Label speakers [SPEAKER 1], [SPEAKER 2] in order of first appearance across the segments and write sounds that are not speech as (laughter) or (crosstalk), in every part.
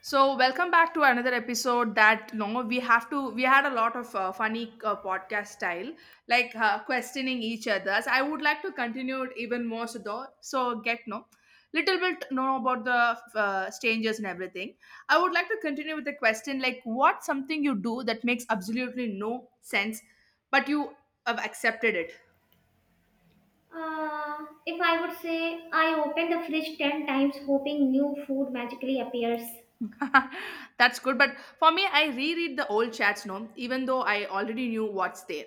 [SPEAKER 1] So welcome back to another episode that you know, we have to we had a lot of funny podcast style like questioning each other's. I would like to continue it even more so though so get no little bit know about the strangers and everything. I would like to continue with the question like what something you do that makes absolutely no sense but you have accepted it.
[SPEAKER 2] If I would say I open the fridge 10 times hoping new food magically appears.
[SPEAKER 1] (laughs) That's good, but for me I reread the old chats, no, even though I already knew what's there.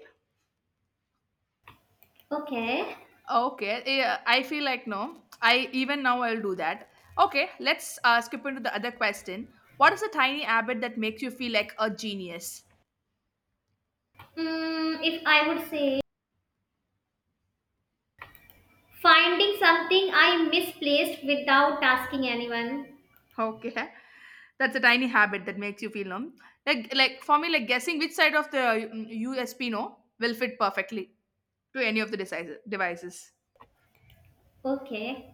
[SPEAKER 2] Okay.
[SPEAKER 1] Okay, yeah, I feel like no. I even now I'll do that. Okay, let's skip into the other question. What is a tiny habit that makes you feel like a genius? (laughs)
[SPEAKER 2] If I would say finding something I misplaced without asking anyone.
[SPEAKER 1] Okay, that's a tiny habit that makes you feel no. Like for me, like guessing which side of the U S P no will fit perfectly to any of the devices.
[SPEAKER 2] Okay.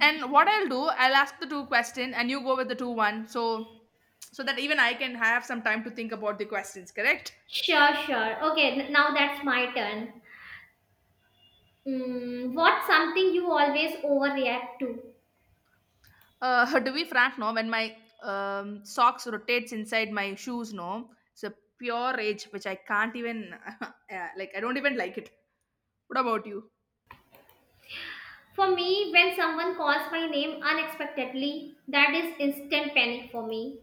[SPEAKER 1] And what I'll do, I'll ask the two question and you go with the two one. So that even I can have some time to think about the questions. Correct?
[SPEAKER 2] Sure, sure. Okay, now that's my turn. What's something you always overreact to?
[SPEAKER 1] (laughs) To be frank, no, when my socks rotates inside my shoes, no, it's a pure rage which I can't even (laughs) yeah, like. I don't even like it. What about you?
[SPEAKER 2] For me, when someone calls my name unexpectedly, that is instant panic for me.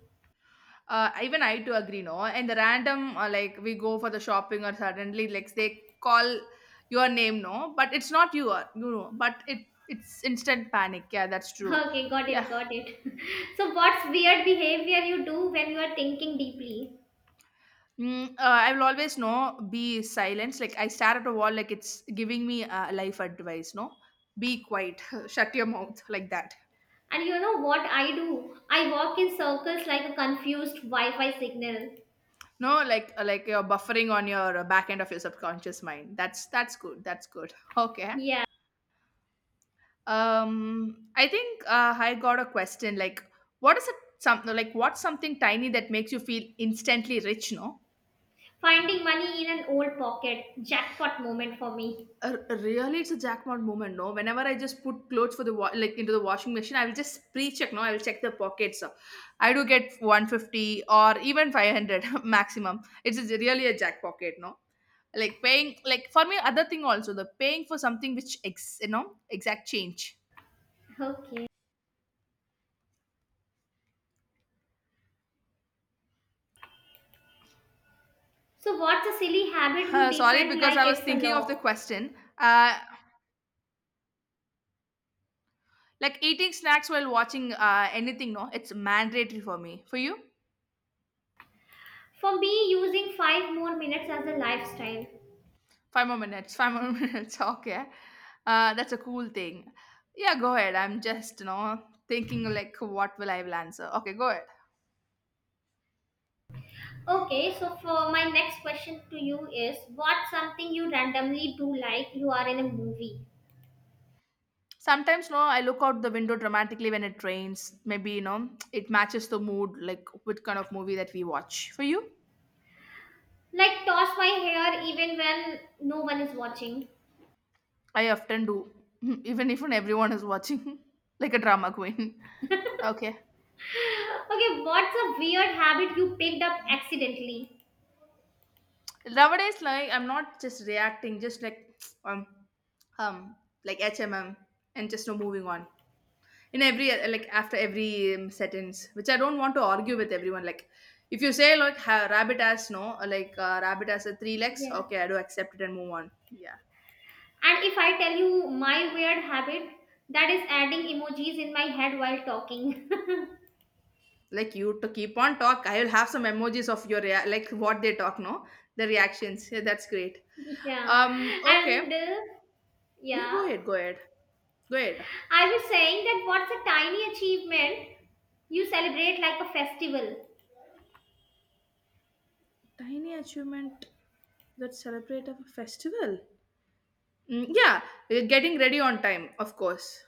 [SPEAKER 1] Even I to agree, no. And the random like we go for the shopping or suddenly like they call your name, no, but it's not you, you know. But it's instant panic. Yeah, that's true.
[SPEAKER 2] Okay, got
[SPEAKER 1] Yeah.
[SPEAKER 2] it, got it. (laughs) So, what's weird behavior you do when you are thinking deeply?
[SPEAKER 1] I will always know be silence. Like I stare at a wall, like it's giving me life advice. No, be quiet. (laughs) Shut your mouth like that.
[SPEAKER 2] And you know what I do? I walk in circles like a confused Wi Fi signal.
[SPEAKER 1] No, like you're buffering on your back end of your subconscious mind. That's good. That's good. (laughs) Okay.
[SPEAKER 2] Yeah,
[SPEAKER 1] I think I got a question. Like, what is it? Some like what's something tiny that makes you feel instantly rich? No.
[SPEAKER 2] finding money in an old pocket. Jackpot moment for me.
[SPEAKER 1] R- really it's a jackpot moment, no, whenever I just put clothes for the like into the washing machine, I will just pre-check, no, I will check the pockets. I do get 150 or even 500 (laughs) maximum. It's really a jackpot, no, like paying, like for me other thing also, the paying for something which ex, you know, exact change.
[SPEAKER 2] Okay. So, what's a silly habit you
[SPEAKER 1] Sorry,
[SPEAKER 2] defend
[SPEAKER 1] because
[SPEAKER 2] like
[SPEAKER 1] I was
[SPEAKER 2] it's a
[SPEAKER 1] thinking of the
[SPEAKER 2] law?
[SPEAKER 1] question. Like eating snacks while watching anything, no, it's mandatory for me. For you?
[SPEAKER 2] For me, using five more minutes as a lifestyle.
[SPEAKER 1] Five more minutes. Five more (laughs) minutes Okay. That's a cool thing. Yeah, go ahead. I'm just, you know, thinking like, what will I will answer? Okay, go ahead.
[SPEAKER 2] Okay, so for my next question to you is what's something you randomly do like you are in a movie?
[SPEAKER 1] Sometimes, no, I look out the window dramatically when it rains. Maybe, you know, it matches the mood, like what kind of movie that we watch. For you?
[SPEAKER 2] Like toss my hair even when no one is watching.
[SPEAKER 1] I often do, (laughs) even if when everyone is watching, (laughs) like a drama queen. (laughs) Okay.
[SPEAKER 2] Okay, what's a weird habit you picked up accidentally?
[SPEAKER 1] Nowadays, like, I'm not just reacting, just like, (tsk) um, um, like HMM and just no moving on. In every like after every sentence which I don't want to argue with everyone. Like if you say like rabbit has no like rabbit has a three legs,
[SPEAKER 2] Yeah.
[SPEAKER 1] okay, I do accept it and move on. Yeah,
[SPEAKER 2] And if I tell you my weird habit, that is adding emojis in my head while talking.
[SPEAKER 1] like you to keep on talk, I will have some emojis of your like what they talk, no, the reactions. Yeah, that's great.
[SPEAKER 2] (laughs) yeah.
[SPEAKER 1] Um, okay.
[SPEAKER 2] And
[SPEAKER 1] Yeah,
[SPEAKER 2] yeah,
[SPEAKER 1] go ahead.
[SPEAKER 2] I was saying that what's a tiny achievement you celebrate like a festival?
[SPEAKER 1] Tiny achievement that celebrate a festival. Mm, yeah, getting ready on time, of course.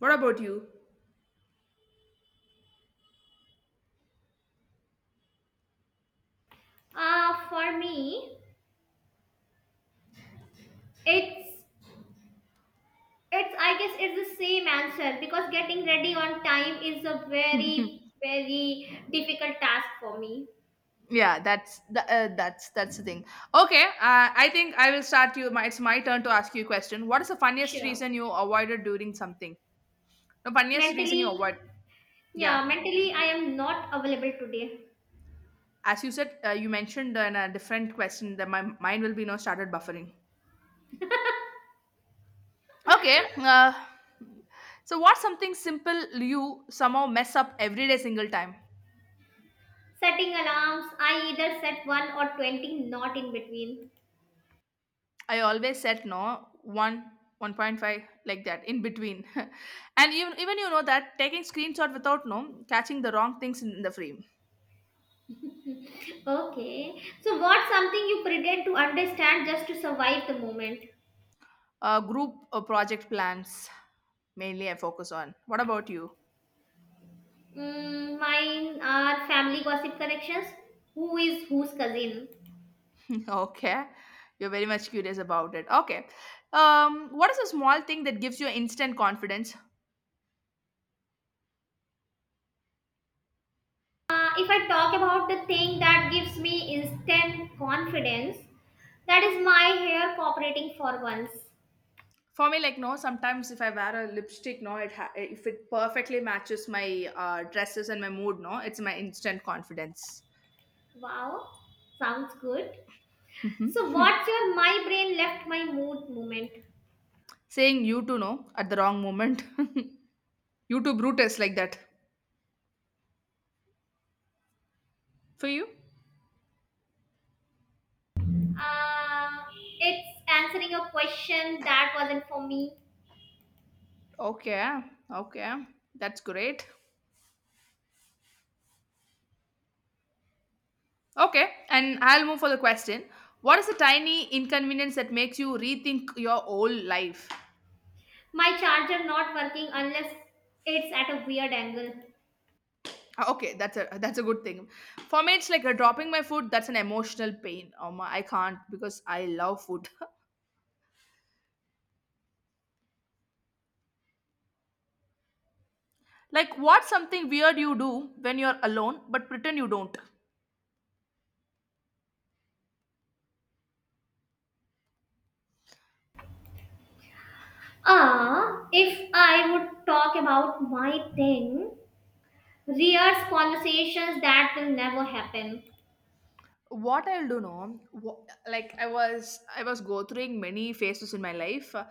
[SPEAKER 1] What about you?
[SPEAKER 2] For me, it's I guess it's the same answer because getting ready on time is a very very difficult task for me.
[SPEAKER 1] Yeah, that's the, that's the thing. Okay. I think I will start you my, it's my turn to ask you a question. What is the funniest
[SPEAKER 2] Sure.
[SPEAKER 1] reason you avoided doing something? The funniest reason
[SPEAKER 2] Mentally,
[SPEAKER 1] you avoid. Yeah,
[SPEAKER 2] yeah, mentally I am not available today.
[SPEAKER 1] as you said, you mentioned in a different question that my mind will be now started buffering. Okay. So what's something simple you somehow mess up every day single time?
[SPEAKER 2] Setting alarms, I either set one or 20, not in between.
[SPEAKER 1] I always set no one 1.5 like that in between, (laughs) and even you know that, taking screenshot without no catching the wrong things in the frame.
[SPEAKER 2] Okay. So what's something you pretend to understand just to survive the moment?
[SPEAKER 1] Group project plans, mainly I focus on. What about you?
[SPEAKER 2] Mine are family gossip connections. Who is whose cousin?
[SPEAKER 1] (laughs) Okay, you're very much curious about it. Okay. Um, what is a small thing that gives you instant confidence?
[SPEAKER 2] If I talk about the thing that gives me instant confidence, that is my hair cooperating for once.
[SPEAKER 1] For me, like no, sometimes if I wear a lipstick, no, it if it perfectly matches my dresses and my mood, no, it's my instant confidence.
[SPEAKER 2] Wow, sounds good. So, what's your my brain left my mood moment?
[SPEAKER 1] Saying you to know at the wrong moment. (laughs) You to Brutus like that. For you?
[SPEAKER 2] Uh, it's answering a question that wasn't for me.
[SPEAKER 1] Okay, okay. That's great. Okay, and I'll move for the question. What is a tiny inconvenience that makes you rethink your whole life?
[SPEAKER 2] My charger not working unless it's at a weird angle.
[SPEAKER 1] Ah, okay, that's a good thing. For me, it's like dropping my food. That's an emotional pain. Oh my, I can't because I love food. (laughs) Like, what's something weird you do when you're alone but pretend you don't?
[SPEAKER 2] Ah, if I would talk about my thing, rears conversations that will never happen.
[SPEAKER 1] What I'll do, no, like I was go through many phases in my life,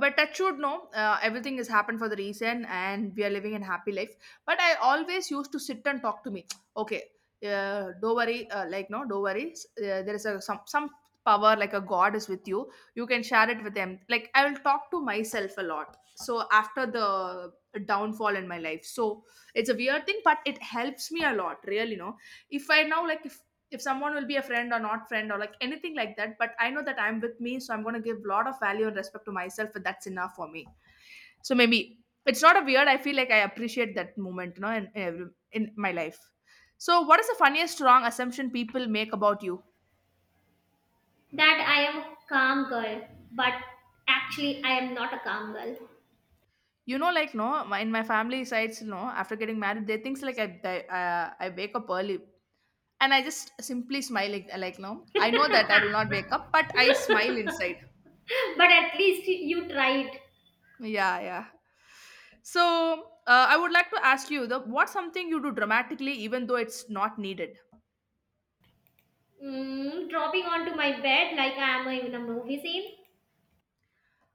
[SPEAKER 1] but touch wood, no, everything has happened for the reason and we are living in happy life. But I always used to sit and talk to me. Okay. Don't worry. Like no, don't worry. There is a some power, like a god is with you, you can share it with them. Like I will talk to myself a lot, so after the downfall in my life, so it's a weird thing but it helps me a lot, really no. If I now, like, if someone will be a friend or not friend or like anything like that, but I know that I'm with me, so I'm going to give a lot of value and respect to myself, and that's enough for me. So maybe it's not a weird. I feel like I appreciate that moment, you know, every, in my life. So what is the funniest wrong assumption people make about you?
[SPEAKER 2] That I am a calm girl, but actually I am not a calm girl.
[SPEAKER 1] You know, like no, my- in my family sides, no, after getting married they think like I wake up early, and I just simply smile, like no, I know that I will not wake up but I smile inside.
[SPEAKER 2] (laughs) but at least you tried.
[SPEAKER 1] Yeah, yeah. So, I would like to ask you the what's something you do dramatically even though it's not needed.
[SPEAKER 2] Dropping onto my bed like I am in a movie scene.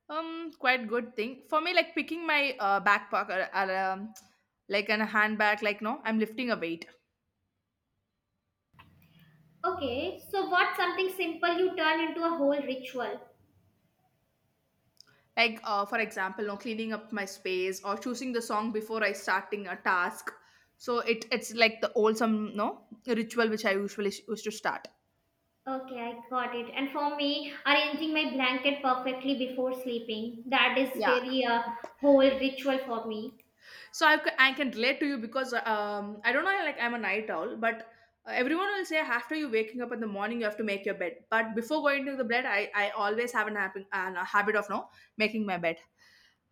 [SPEAKER 1] Quite good thing for me. Like picking my backpack, or like an handbag. Like no, I'm lifting a weight.
[SPEAKER 2] Okay, so what's something simple you turn into a whole ritual?
[SPEAKER 1] Like for example, no, cleaning up my space or choosing the song before I starting a task. So it it's like the old some no ritual which I usually used to start.
[SPEAKER 2] Okay, I got it. And for me, arranging my blanket perfectly before sleeping. That is
[SPEAKER 1] Yeah,
[SPEAKER 2] really a whole ritual for me.
[SPEAKER 1] so I, I can relate to you because I don't know, like I'm a night owl, but everyone will say after you waking up in the morning you have to make your bed, but before going to the bed I always have an happen, an, a habit of no making my bed.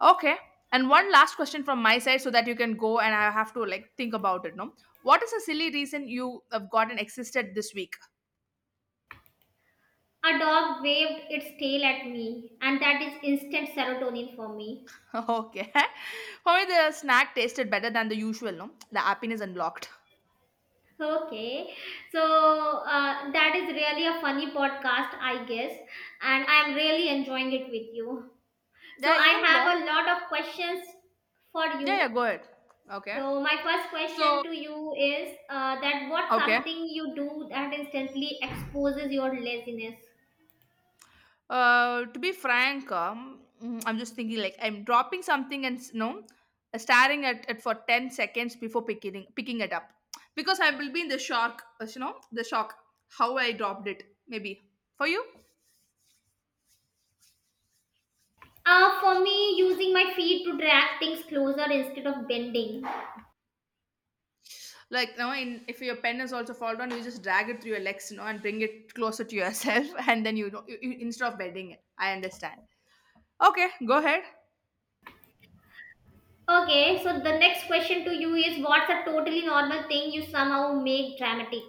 [SPEAKER 1] Okay. And one last question from my side, so that you can go and I have to like think about it, no. What is a silly reason you have gotten existed this week?
[SPEAKER 2] A dog waved its tail at me, and that is instant serotonin for me.
[SPEAKER 1] (laughs) Okay, for me the snack tasted better than the usual, no, the happiness unlocked.
[SPEAKER 2] Okay, so that is really a funny podcast, I guess, and I'm really enjoying it with you. So,
[SPEAKER 1] Yeah,
[SPEAKER 2] I
[SPEAKER 1] even
[SPEAKER 2] have a
[SPEAKER 1] long.
[SPEAKER 2] lot of questions for
[SPEAKER 1] Yeah,
[SPEAKER 2] you.
[SPEAKER 1] go ahead. Okay,
[SPEAKER 2] So, my first
[SPEAKER 1] so,
[SPEAKER 2] question to you is that what's
[SPEAKER 1] okay.
[SPEAKER 2] something you do that instantly exposes your laziness?
[SPEAKER 1] To be frank, I'm just thinking, like I'm dropping something and no, staring at it for 10 seconds before picking it up, because I will be in the shock. You know, the shock how I dropped it. Maybe for you?
[SPEAKER 2] For me, using my feet to drag things closer instead of bending.
[SPEAKER 1] Like no, in, if your pen is also fall down, you just drag it through your legs, you know, and bring it closer to yourself, (laughs) and then you know instead of bedding it. I understand. Okay, go ahead.
[SPEAKER 2] Okay, so the next question to you is what's a totally normal thing you somehow make dramatic?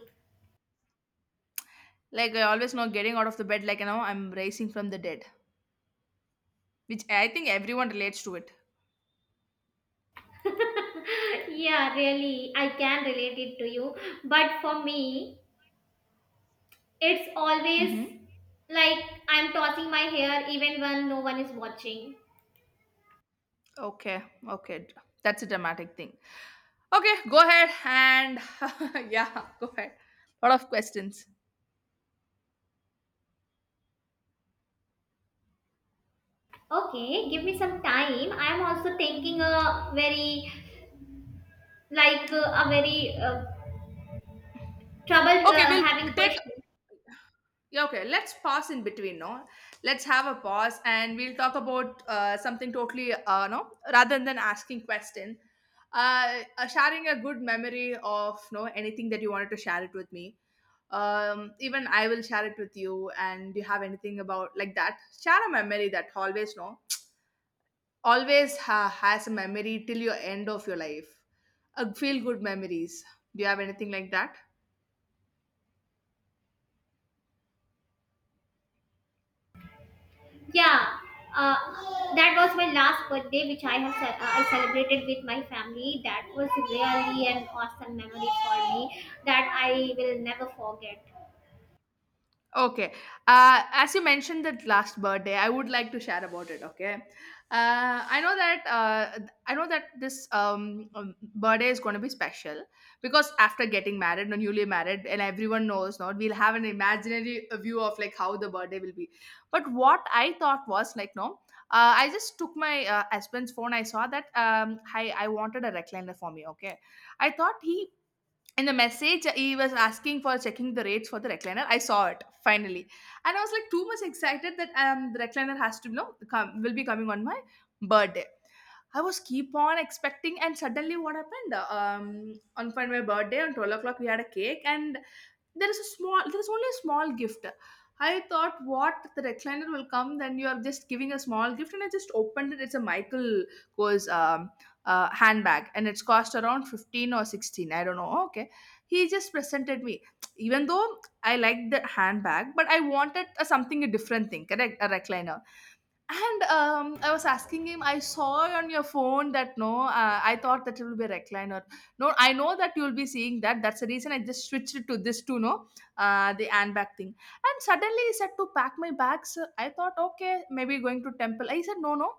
[SPEAKER 1] Like I always know, getting out of the bed, like you know, I'm rising from the dead, which I think everyone relates to it.
[SPEAKER 2] (laughs) yeah, really, I can relate it to you. But for me, it's always
[SPEAKER 1] Mm-hmm.
[SPEAKER 2] like I'm tossing my hair even when no one is watching.
[SPEAKER 1] Okay, okay. That's a dramatic thing. Okay, go ahead, and (laughs) yeah, go ahead. Lot of questions.
[SPEAKER 2] Okay, give me some time. I'm also thinking a very a very trouble
[SPEAKER 1] Okay, we'll
[SPEAKER 2] having
[SPEAKER 1] take.
[SPEAKER 2] question.
[SPEAKER 1] Yeah, okay, let's pause in between, no? Let's have a pause and we'll talk about something totally no, rather than asking question. Sharing a good memory of no anything that you wanted to share it with me. Um, even I will share it with you, and do you have anything about like that. Share a memory that always no always has a memory till your end of your life. A feel good memories. Do you have anything like that?
[SPEAKER 2] Yeah, uh, that was my last birthday, which I have I celebrated with my family. That was really an awesome memory for me that I will never forget.
[SPEAKER 1] Okay. As you mentioned that last birthday, I would like to share about it. Okay. Uh, I know that uh, I know that this birthday is going to be special because after getting married or newly married, and everyone knows, not we'll have an imaginary view of like how the birthday will be. But what I thought was like, no, I just took my husband's phone. I saw that I wanted a recliner for me. Okay, I thought he in the message he was asking for checking the rates for the recliner, I saw it finally. And I was like too much excited that the recliner has to come, will be coming on my birthday. I was keep on expecting and suddenly what happened, on for my birthday on 12 o'clock we had a cake. And there is only a small gift. I thought what, the recliner will come, then you are just giving a small gift. And I just opened it, it's a Michael Kors handbag and it's cost around 15 or 16, I don't know. Okay, he just presented me. Even though I like the handbag, but I wanted a, something a different thing, correct, a recliner. And I was asking him, I saw on your phone that no, I thought that it will be a recliner. No, I know that you will be seeing that. That's the reason I just switched it to this to no, the hand bag thing. And suddenly he said to pack my bags. I thought, okay, maybe going to temple. I said, no, no,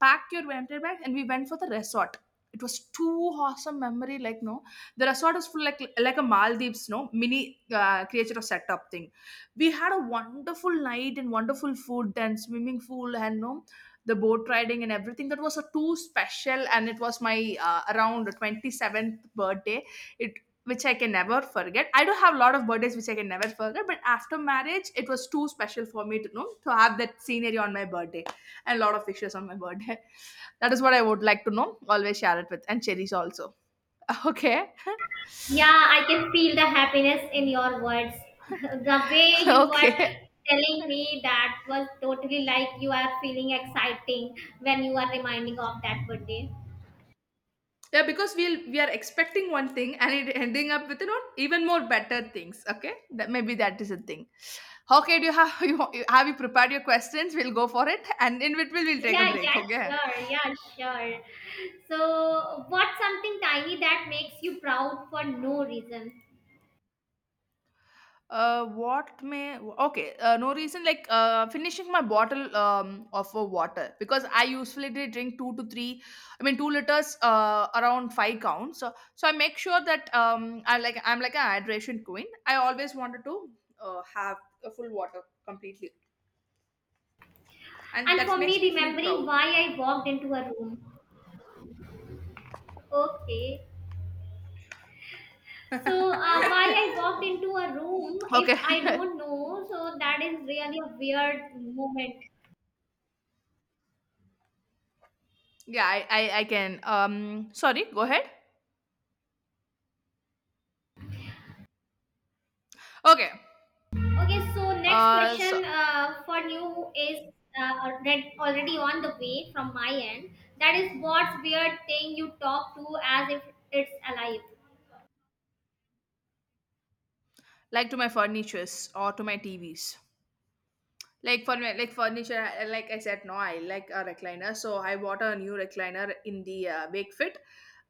[SPEAKER 1] pack your winter bag. And we went for the resort. It was too awesome memory. Like no, the resort is full like a Maldives, no mini creature of setup thing. We had a wonderful night and wonderful food and swimming pool and no, the boat riding and everything, that was a too special. And it was my around 27th birthday it, which I can never forget. I do have a lot of birthdays which I can never forget, but after marriage it was too special for me to know to have that scenery on my birthday and a lot of wishes on my birthday. (laughs) That is what I would like to know always share it with and cherries also. (laughs) Okay.
[SPEAKER 2] Yeah, I can feel the happiness in your words. (laughs) the way
[SPEAKER 1] (laughs)
[SPEAKER 2] you were
[SPEAKER 1] Okay,
[SPEAKER 2] telling me that was totally like you are feeling exciting when you are reminding of that birthday.
[SPEAKER 1] yeah, because we are expecting one thing and it ending up with you know even more better things. Okay, that maybe that is a thing. Okay, do you have (laughs) you have, you prepared your questions, we'll go for it and in between we'll take a
[SPEAKER 2] Yeah,
[SPEAKER 1] break,
[SPEAKER 2] yeah,
[SPEAKER 1] okay?
[SPEAKER 2] sure, yeah, sure. So, what's something tiny that makes you proud for no reason?
[SPEAKER 1] What may, okay? No reason like finishing my bottle of water, because I usually did drink two to three, I mean 2 liters around five counts. So I make sure that I'm like a hydration queen. I always wanted to have a full water completely, and
[SPEAKER 2] And
[SPEAKER 1] that
[SPEAKER 2] for
[SPEAKER 1] makes
[SPEAKER 2] me,
[SPEAKER 1] me feel
[SPEAKER 2] remembering
[SPEAKER 1] proud.
[SPEAKER 2] why I walked into a room. Okay.
[SPEAKER 1] (laughs)
[SPEAKER 2] So,
[SPEAKER 1] Okay.
[SPEAKER 2] why I walked into a room, if I don't know, so that is really a weird moment.
[SPEAKER 1] (laughs) Yeah, I can. Sorry, go ahead. Okay.
[SPEAKER 2] Okay, so next
[SPEAKER 1] Uh, so
[SPEAKER 2] question for you is already on the way from my end. That is, what's weird thing you talk to as if it's alive?
[SPEAKER 1] like to my furnitures or to my TVs. Like for like furniture like I said no I like a recliner, so I bought a new recliner in the wakefit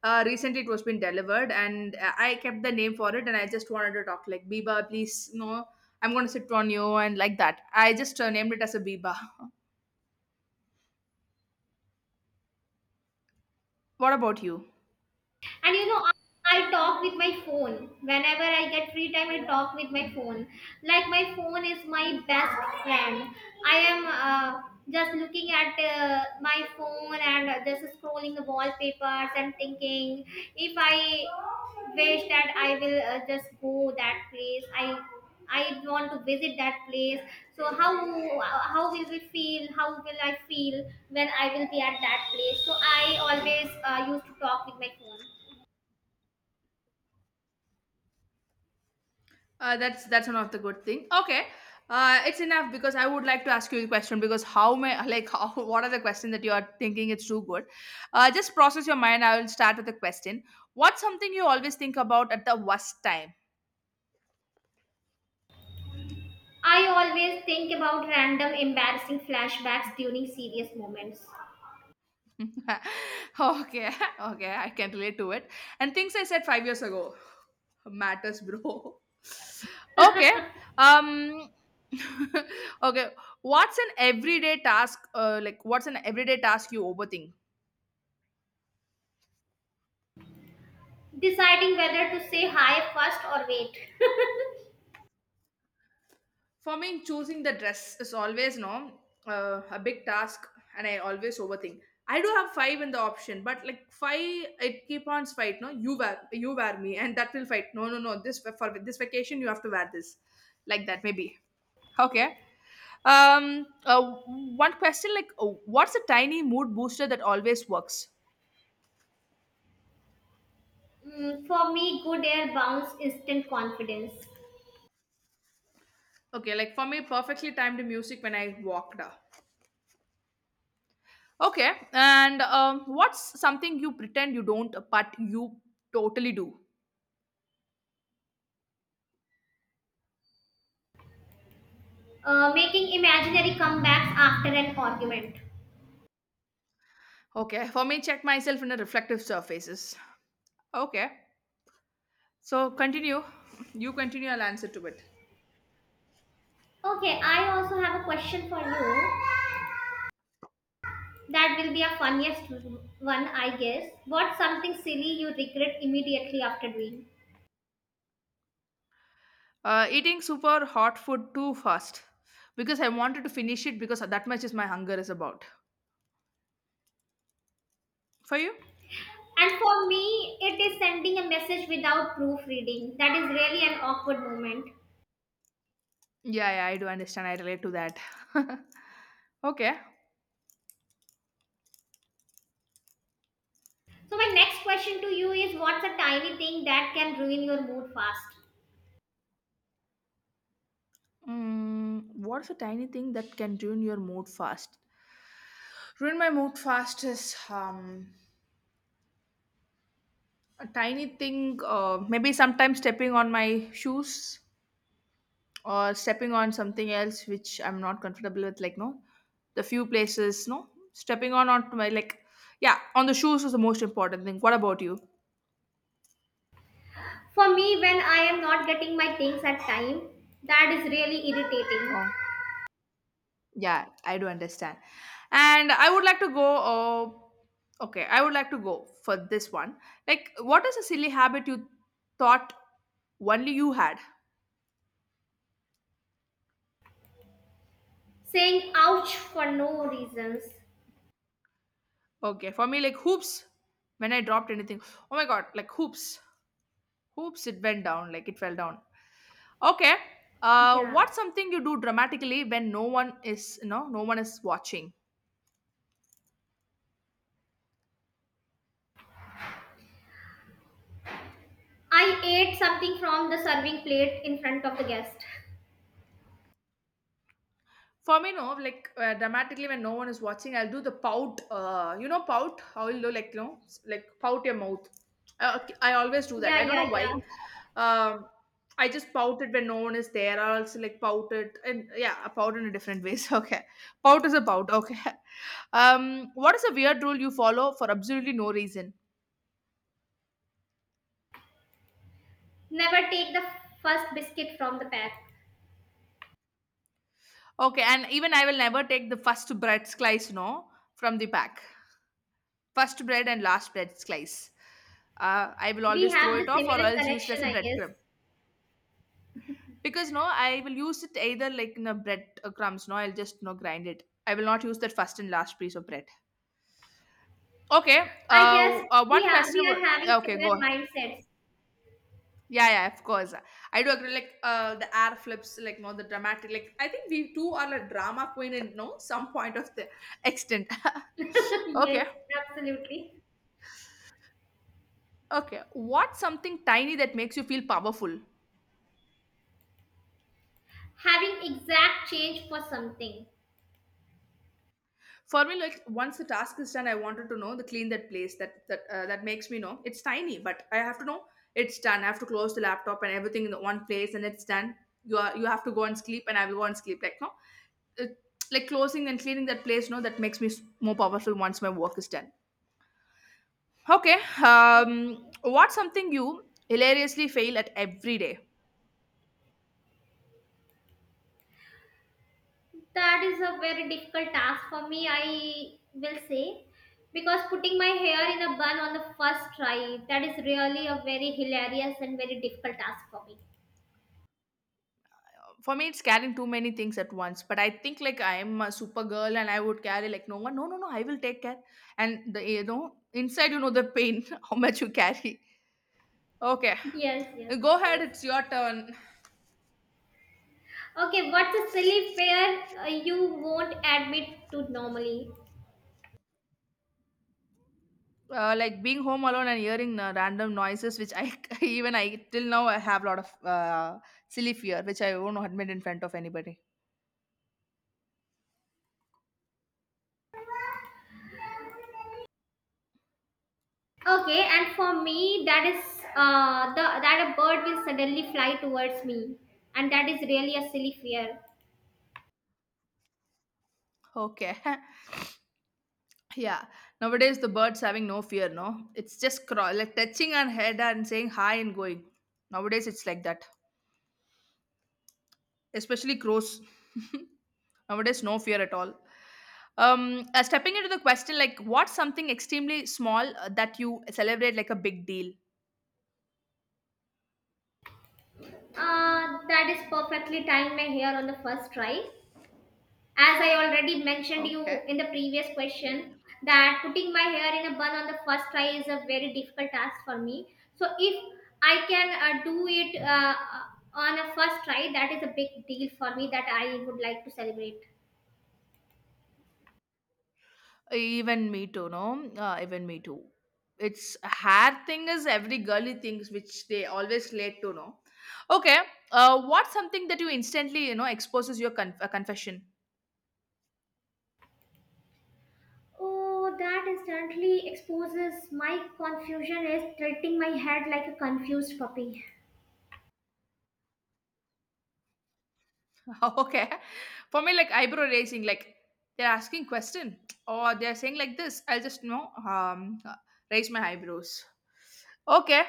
[SPEAKER 1] recently. It was been delivered and I kept the name for it and I just wanted to talk like biba please no, I'm going to sit on you, and like that I just named it as a biba. (laughs) What about you?
[SPEAKER 2] And you know, I talk with my phone. Whenever I get free time, I talk with my phone. Like my phone is my best friend. I am just looking at my phone and just scrolling the wallpapers and thinking if I wish that I will just go that place. I want to visit that place. So how will we feel? How will I feel when I will be at that place? So I always used to talk with my phone.
[SPEAKER 1] That's one of the good thing. Okay, it's enough because I would like to ask you a question, because how may like how, (laughs) what are the question that you are thinking, it's too good? Just process your mind. I will start with the question. What's something you always think about at the worst time?
[SPEAKER 2] I always think about random embarrassing flashbacks during serious moments,
[SPEAKER 1] (laughs) Okay, (laughs) okay, I can relate to it. And things I said 5 years ago matters, bro. (laughs) Okay, um, (laughs) okay. What's an everyday task? What's an everyday task you overthink?
[SPEAKER 2] deciding whether to say hi first or wait.
[SPEAKER 1] For me, choosing the dress is always no a big task, and I always overthink. I do have five in the option, but like five, it keep on fight. No, you wear me, and that will fight. No, no, no. This for this vacation, you have to wear this, like that maybe. Okay. Um. Uh, One question, like, what's a tiny mood booster that always works?
[SPEAKER 2] For me, good air bounce instant confidence.
[SPEAKER 1] Okay, like for me, perfectly timed music when I walked. Up. Okay, and what's something you pretend you don't, but you totally do?
[SPEAKER 2] Making imaginary comebacks after an argument.
[SPEAKER 1] Okay, for me, check myself in a reflective surfaces. Okay, so continue. You continue. I'll answer to it.
[SPEAKER 2] Okay, I also have a question for you. That will be a funniest one, I guess. What's something silly you regret immediately after doing?
[SPEAKER 1] Eating super hot food too fast because I wanted to finish it because that much is my hunger is about. For you?
[SPEAKER 2] And for me, it is sending a message without proofreading. That is really an awkward moment.
[SPEAKER 1] Yeah, yeah, I do understand. I relate to that. (laughs) Okay.
[SPEAKER 2] So, my next question to you is what's a tiny thing that can ruin your mood fast?
[SPEAKER 1] Mm, what's a tiny thing that can ruin your mood fast? Ruin my mood fast is a tiny thing, maybe sometimes stepping on my shoes or stepping on something else which I'm not comfortable with, like no, the few places, no, stepping on onto my like, yeah, on the shoes is the most important thing. What about you?
[SPEAKER 2] For me, when I am not getting my things at time, that is really irritating.
[SPEAKER 1] Oh, yeah, I do understand. And I would like to go. Okay, I would like to go for this one. Like, what is a silly habit you thought only you had?
[SPEAKER 2] Saying ouch for no reasons.
[SPEAKER 1] Okay, for me, like hoops. When I dropped anything, oh my god, like hoops. Oops, it went down, like it fell down. Okay.
[SPEAKER 2] Yeah.
[SPEAKER 1] What's something you do dramatically when no one is, you know, no one is watching?
[SPEAKER 2] I ate something from the serving plate in front of the guest.
[SPEAKER 1] For me, no, like dramatically when no one is watching, I'll do the pout. You know, pout. I will do like you know, like pout your mouth. Okay, I always do that. I
[SPEAKER 2] Yeah,
[SPEAKER 1] don't know
[SPEAKER 2] yeah, yeah.
[SPEAKER 1] why. Um, I just pout it when no one is there. I also like pout it, and yeah, I pout in a different ways. (laughs) Okay, pout is a pout. Okay. (laughs) What is a weird rule you follow for absolutely no reason?
[SPEAKER 2] Never take the first biscuit from the pack.
[SPEAKER 1] Okay, and even I will never take the first bread slice, no, from the pack. First bread and last bread slice. I will
[SPEAKER 2] We
[SPEAKER 1] always throw
[SPEAKER 2] have the
[SPEAKER 1] it off or
[SPEAKER 2] similar
[SPEAKER 1] else use it
[SPEAKER 2] connection,
[SPEAKER 1] as a
[SPEAKER 2] I guess.
[SPEAKER 1] breadcrumb. Because no, I will use it either like in a bread crumbs, no, I'll just no grind it. I will not use that first and last piece of bread. Okay,
[SPEAKER 2] I guess
[SPEAKER 1] one
[SPEAKER 2] yeah,
[SPEAKER 1] question.
[SPEAKER 2] we are having
[SPEAKER 1] Okay,
[SPEAKER 2] similar
[SPEAKER 1] go.
[SPEAKER 2] mindsets.
[SPEAKER 1] Yeah, yeah, of course. I do agree. Like, the air flips, like, no, the dramatic. Like, I think we too are a drama queen in no some point of the extent. (laughs)
[SPEAKER 2] (laughs) yes,
[SPEAKER 1] Okay.
[SPEAKER 2] absolutely.
[SPEAKER 1] Okay, what's something tiny that makes you feel powerful?
[SPEAKER 2] Having exact change for something.
[SPEAKER 1] For me, like once the task is done, I wanted to know the clean that place that that makes me know it's tiny, but I have to know it's done. I have to close the laptop and everything in the one place, and it's done. You have to go and sleep, and I will go and sleep. Like no, it, like closing and cleaning that place, no, that makes me more powerful once my work is done. Okay,
[SPEAKER 2] Okay.
[SPEAKER 1] what's something you hilariously fail at every day?
[SPEAKER 2] That is a very difficult task for me. I will say because putting my hair in a bun on the first try, that is really a very hilarious and very difficult task for me.
[SPEAKER 1] For me, it's carrying too many things at once, but I think like I'm a super girl and I would carry like no, one no no no, I will take care. And the, you know, inside, you know, the pain. (laughs) How much you carry. Okay,
[SPEAKER 2] (laughs) yes, yes,
[SPEAKER 1] go
[SPEAKER 2] of
[SPEAKER 1] ahead,
[SPEAKER 2] course.
[SPEAKER 1] it's your turn.
[SPEAKER 2] Okay, what's a silly fear you won't admit to normally?
[SPEAKER 1] Like being home alone and hearing random noises which I (laughs) even I till now I have a lot of silly fear which I won't admit in front of anybody.
[SPEAKER 2] Okay, and for me that is the that a bird will suddenly fly towards me and that is really a silly fear.
[SPEAKER 1] Okay (laughs) yeah, nowadays the birds having no fear no, it's just crawl like touching our head and saying hi and going. Nowadays it's like that, especially crows. (laughs) Nowadays, no fear at all. Stepping into the question, like what's something extremely small that you celebrate like a big deal?
[SPEAKER 2] That is perfectly timed my hair on the first try. As I already mentioned you
[SPEAKER 1] Okay.
[SPEAKER 2] in the previous question, that putting my hair in a bun on the first try is a very difficult task for me. So if I can do it on a first try, that is a big deal for me that I would like to celebrate.
[SPEAKER 1] Even me too, no? Even me too. It's hair thing is every girly things which they always relate to, no? Okay. What's something that you instantly, you know, exposes your confession?
[SPEAKER 2] Oh, that instantly exposes my confusion is tilting my head like a confused puppy.
[SPEAKER 1] (laughs) Okay. For me, like eyebrow raising, like they're asking question or they're saying like this. I'll just you know raise my eyebrows. Okay,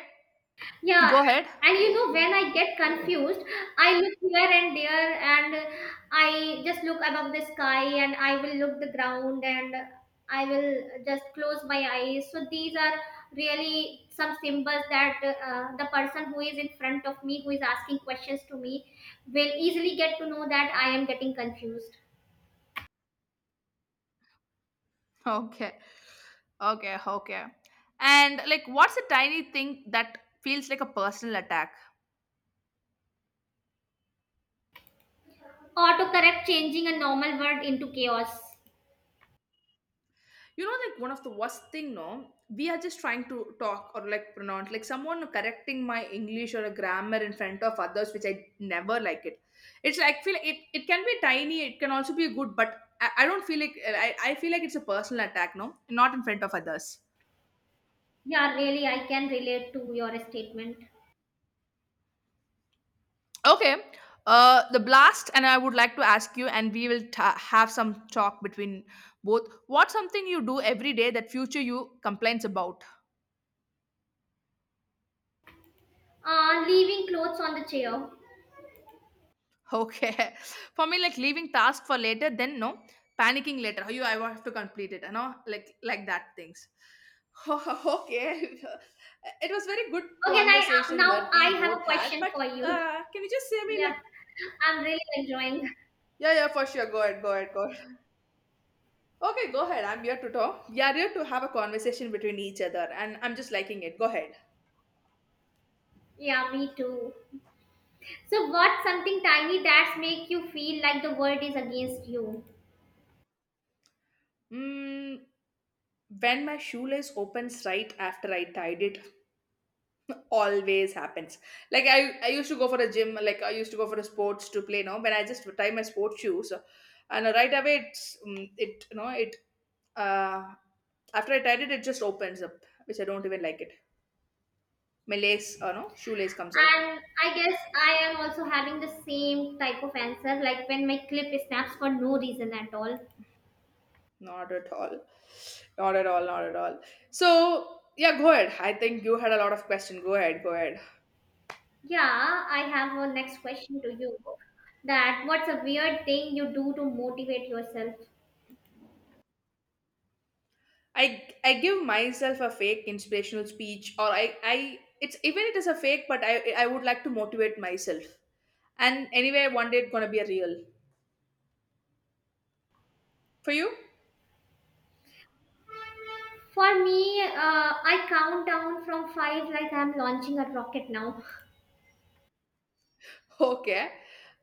[SPEAKER 2] Yeah,
[SPEAKER 1] go ahead. (laughs)
[SPEAKER 2] and you know, when I get confused, I look here and there, and I just look above the sky, and I will look the ground, and I will just close my eyes. So these are really some symbols that the person who is in front of me, who is asking questions to me, will easily get to know that I am getting confused.
[SPEAKER 1] Okay, okay, okay. And like, what's a tiny thing that feels like a personal attack?
[SPEAKER 2] Autocorrect changing a normal word into chaos.
[SPEAKER 1] You know, like one of the worst thing, no? We are just trying to talk or like pronounce, like someone correcting my English or a grammar in front of others, which I never like it. It's like feel like it can be tiny, it can also be good, but I don't feel like I feel like it's a personal attack. No, not in front of others.
[SPEAKER 2] Yeah, really, I can relate to your statement.
[SPEAKER 1] Okay. The blast, and I would like to ask you, and we will ta have some talk between both. What's something you do every day that future you complains about?
[SPEAKER 2] Leaving clothes on the chair.
[SPEAKER 1] Okay. (laughs) For me, like leaving task for later, then no, panicking later. You, I have to complete it. You know, like that things. (laughs) Okay. It was very good
[SPEAKER 2] Okay, now,
[SPEAKER 1] conversation
[SPEAKER 2] now
[SPEAKER 1] that
[SPEAKER 2] I
[SPEAKER 1] we
[SPEAKER 2] have a
[SPEAKER 1] both had.
[SPEAKER 2] question
[SPEAKER 1] But
[SPEAKER 2] for you. (laughs)
[SPEAKER 1] can you just say me
[SPEAKER 2] Yeah,
[SPEAKER 1] like?
[SPEAKER 2] I'm really enjoying.
[SPEAKER 1] Yeah, yeah, for sure. Go ahead, go ahead, go ahead. (laughs) Okay, go ahead. I'm here to talk. We are here to have a conversation between each other, and I'm just liking it. Go ahead.
[SPEAKER 2] Yeah, me too. So, what's something tiny that's make you feel like the world is against you?
[SPEAKER 1] Mm, when my shoelace opens right after I tied it, always happens. Like I used to go for a gym, like I used to go for a sports to play. Now when I just tie my sports shoes and right away it's, it you know it uh After I tied it, it just opens up, which I don't even like it. My lace, no, shoelace comes out.
[SPEAKER 2] And I guess I am also having the same type of answer, like when my clip snaps for no reason at all.
[SPEAKER 1] Not at all. Not at all, not at all. So yeah, go ahead. I think you had a lot of question. Go ahead, go ahead.
[SPEAKER 2] Yeah, I have a next question to you. That what's a weird thing you do to motivate yourself?
[SPEAKER 1] I give myself a fake inspirational speech, or I it's even it is a fake, but I would like to motivate myself. And anyway, one day it's gonna be a real for you. (laughs)
[SPEAKER 2] For me, I count down from five like I'm launching a rocket now.
[SPEAKER 1] Okay,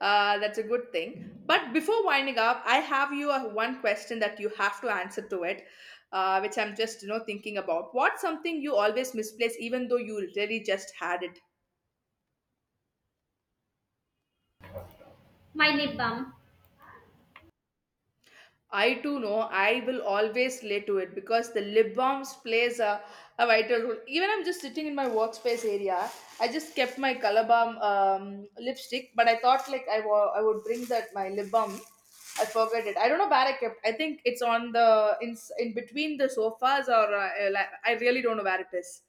[SPEAKER 1] that's a good thing. But before winding up, I have you a one question that you have to answer to it, which I'm just thinking about. What's something you always misplace even though you really just had it?
[SPEAKER 2] My lip balm.
[SPEAKER 1] I too know I will always relate to it, because the lip balms plays a vital role. Even I'm just sitting in my workspace area. I just kept my color balm, lipstick, but I thought like I I would bring that my lip balm. I forgot it. I don't know where I kept. I think it's on the in between the sofas, or like, I really don't know where it is.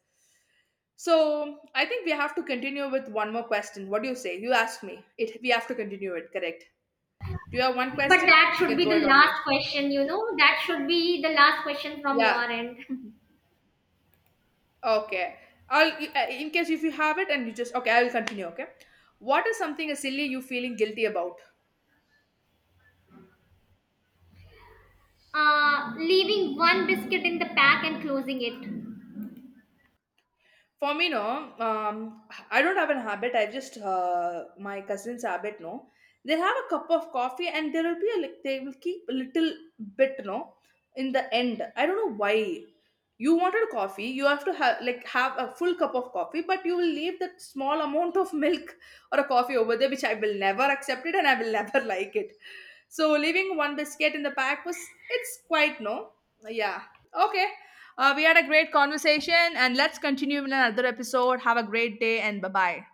[SPEAKER 1] So I think we have to continue with one more question. What do you say? You asked me. It we have to continue it. Correct. Do you have one
[SPEAKER 2] But
[SPEAKER 1] question?
[SPEAKER 2] that
[SPEAKER 1] You
[SPEAKER 2] should
[SPEAKER 1] can
[SPEAKER 2] be
[SPEAKER 1] throw
[SPEAKER 2] the
[SPEAKER 1] it on me.
[SPEAKER 2] last question, you know? That should be the last question from your
[SPEAKER 1] Yeah.
[SPEAKER 2] end.
[SPEAKER 1] Mhm. Okay. I'll in case if you have it, and you just okay, I will continue. Okay. What is something silly you feeling guilty about?
[SPEAKER 2] Leaving one biscuit in the pack and closing it.
[SPEAKER 1] For me, no. Um, I don't have an habit. I just, my cousin's habit. No, they have a cup of coffee, and there will be a they will keep a little bit. No, in the end, I don't know why. You wanted coffee, you have to have like have a full cup of coffee, but you will leave that small amount of milk (laughs) or a coffee over there, which I will never accept it, and I will (laughs) never like it. So leaving one biscuit in the pack was, it's quite, no, yeah, okay. We had a great conversation, and let's continue in another episode. Have a great day, and bye bye.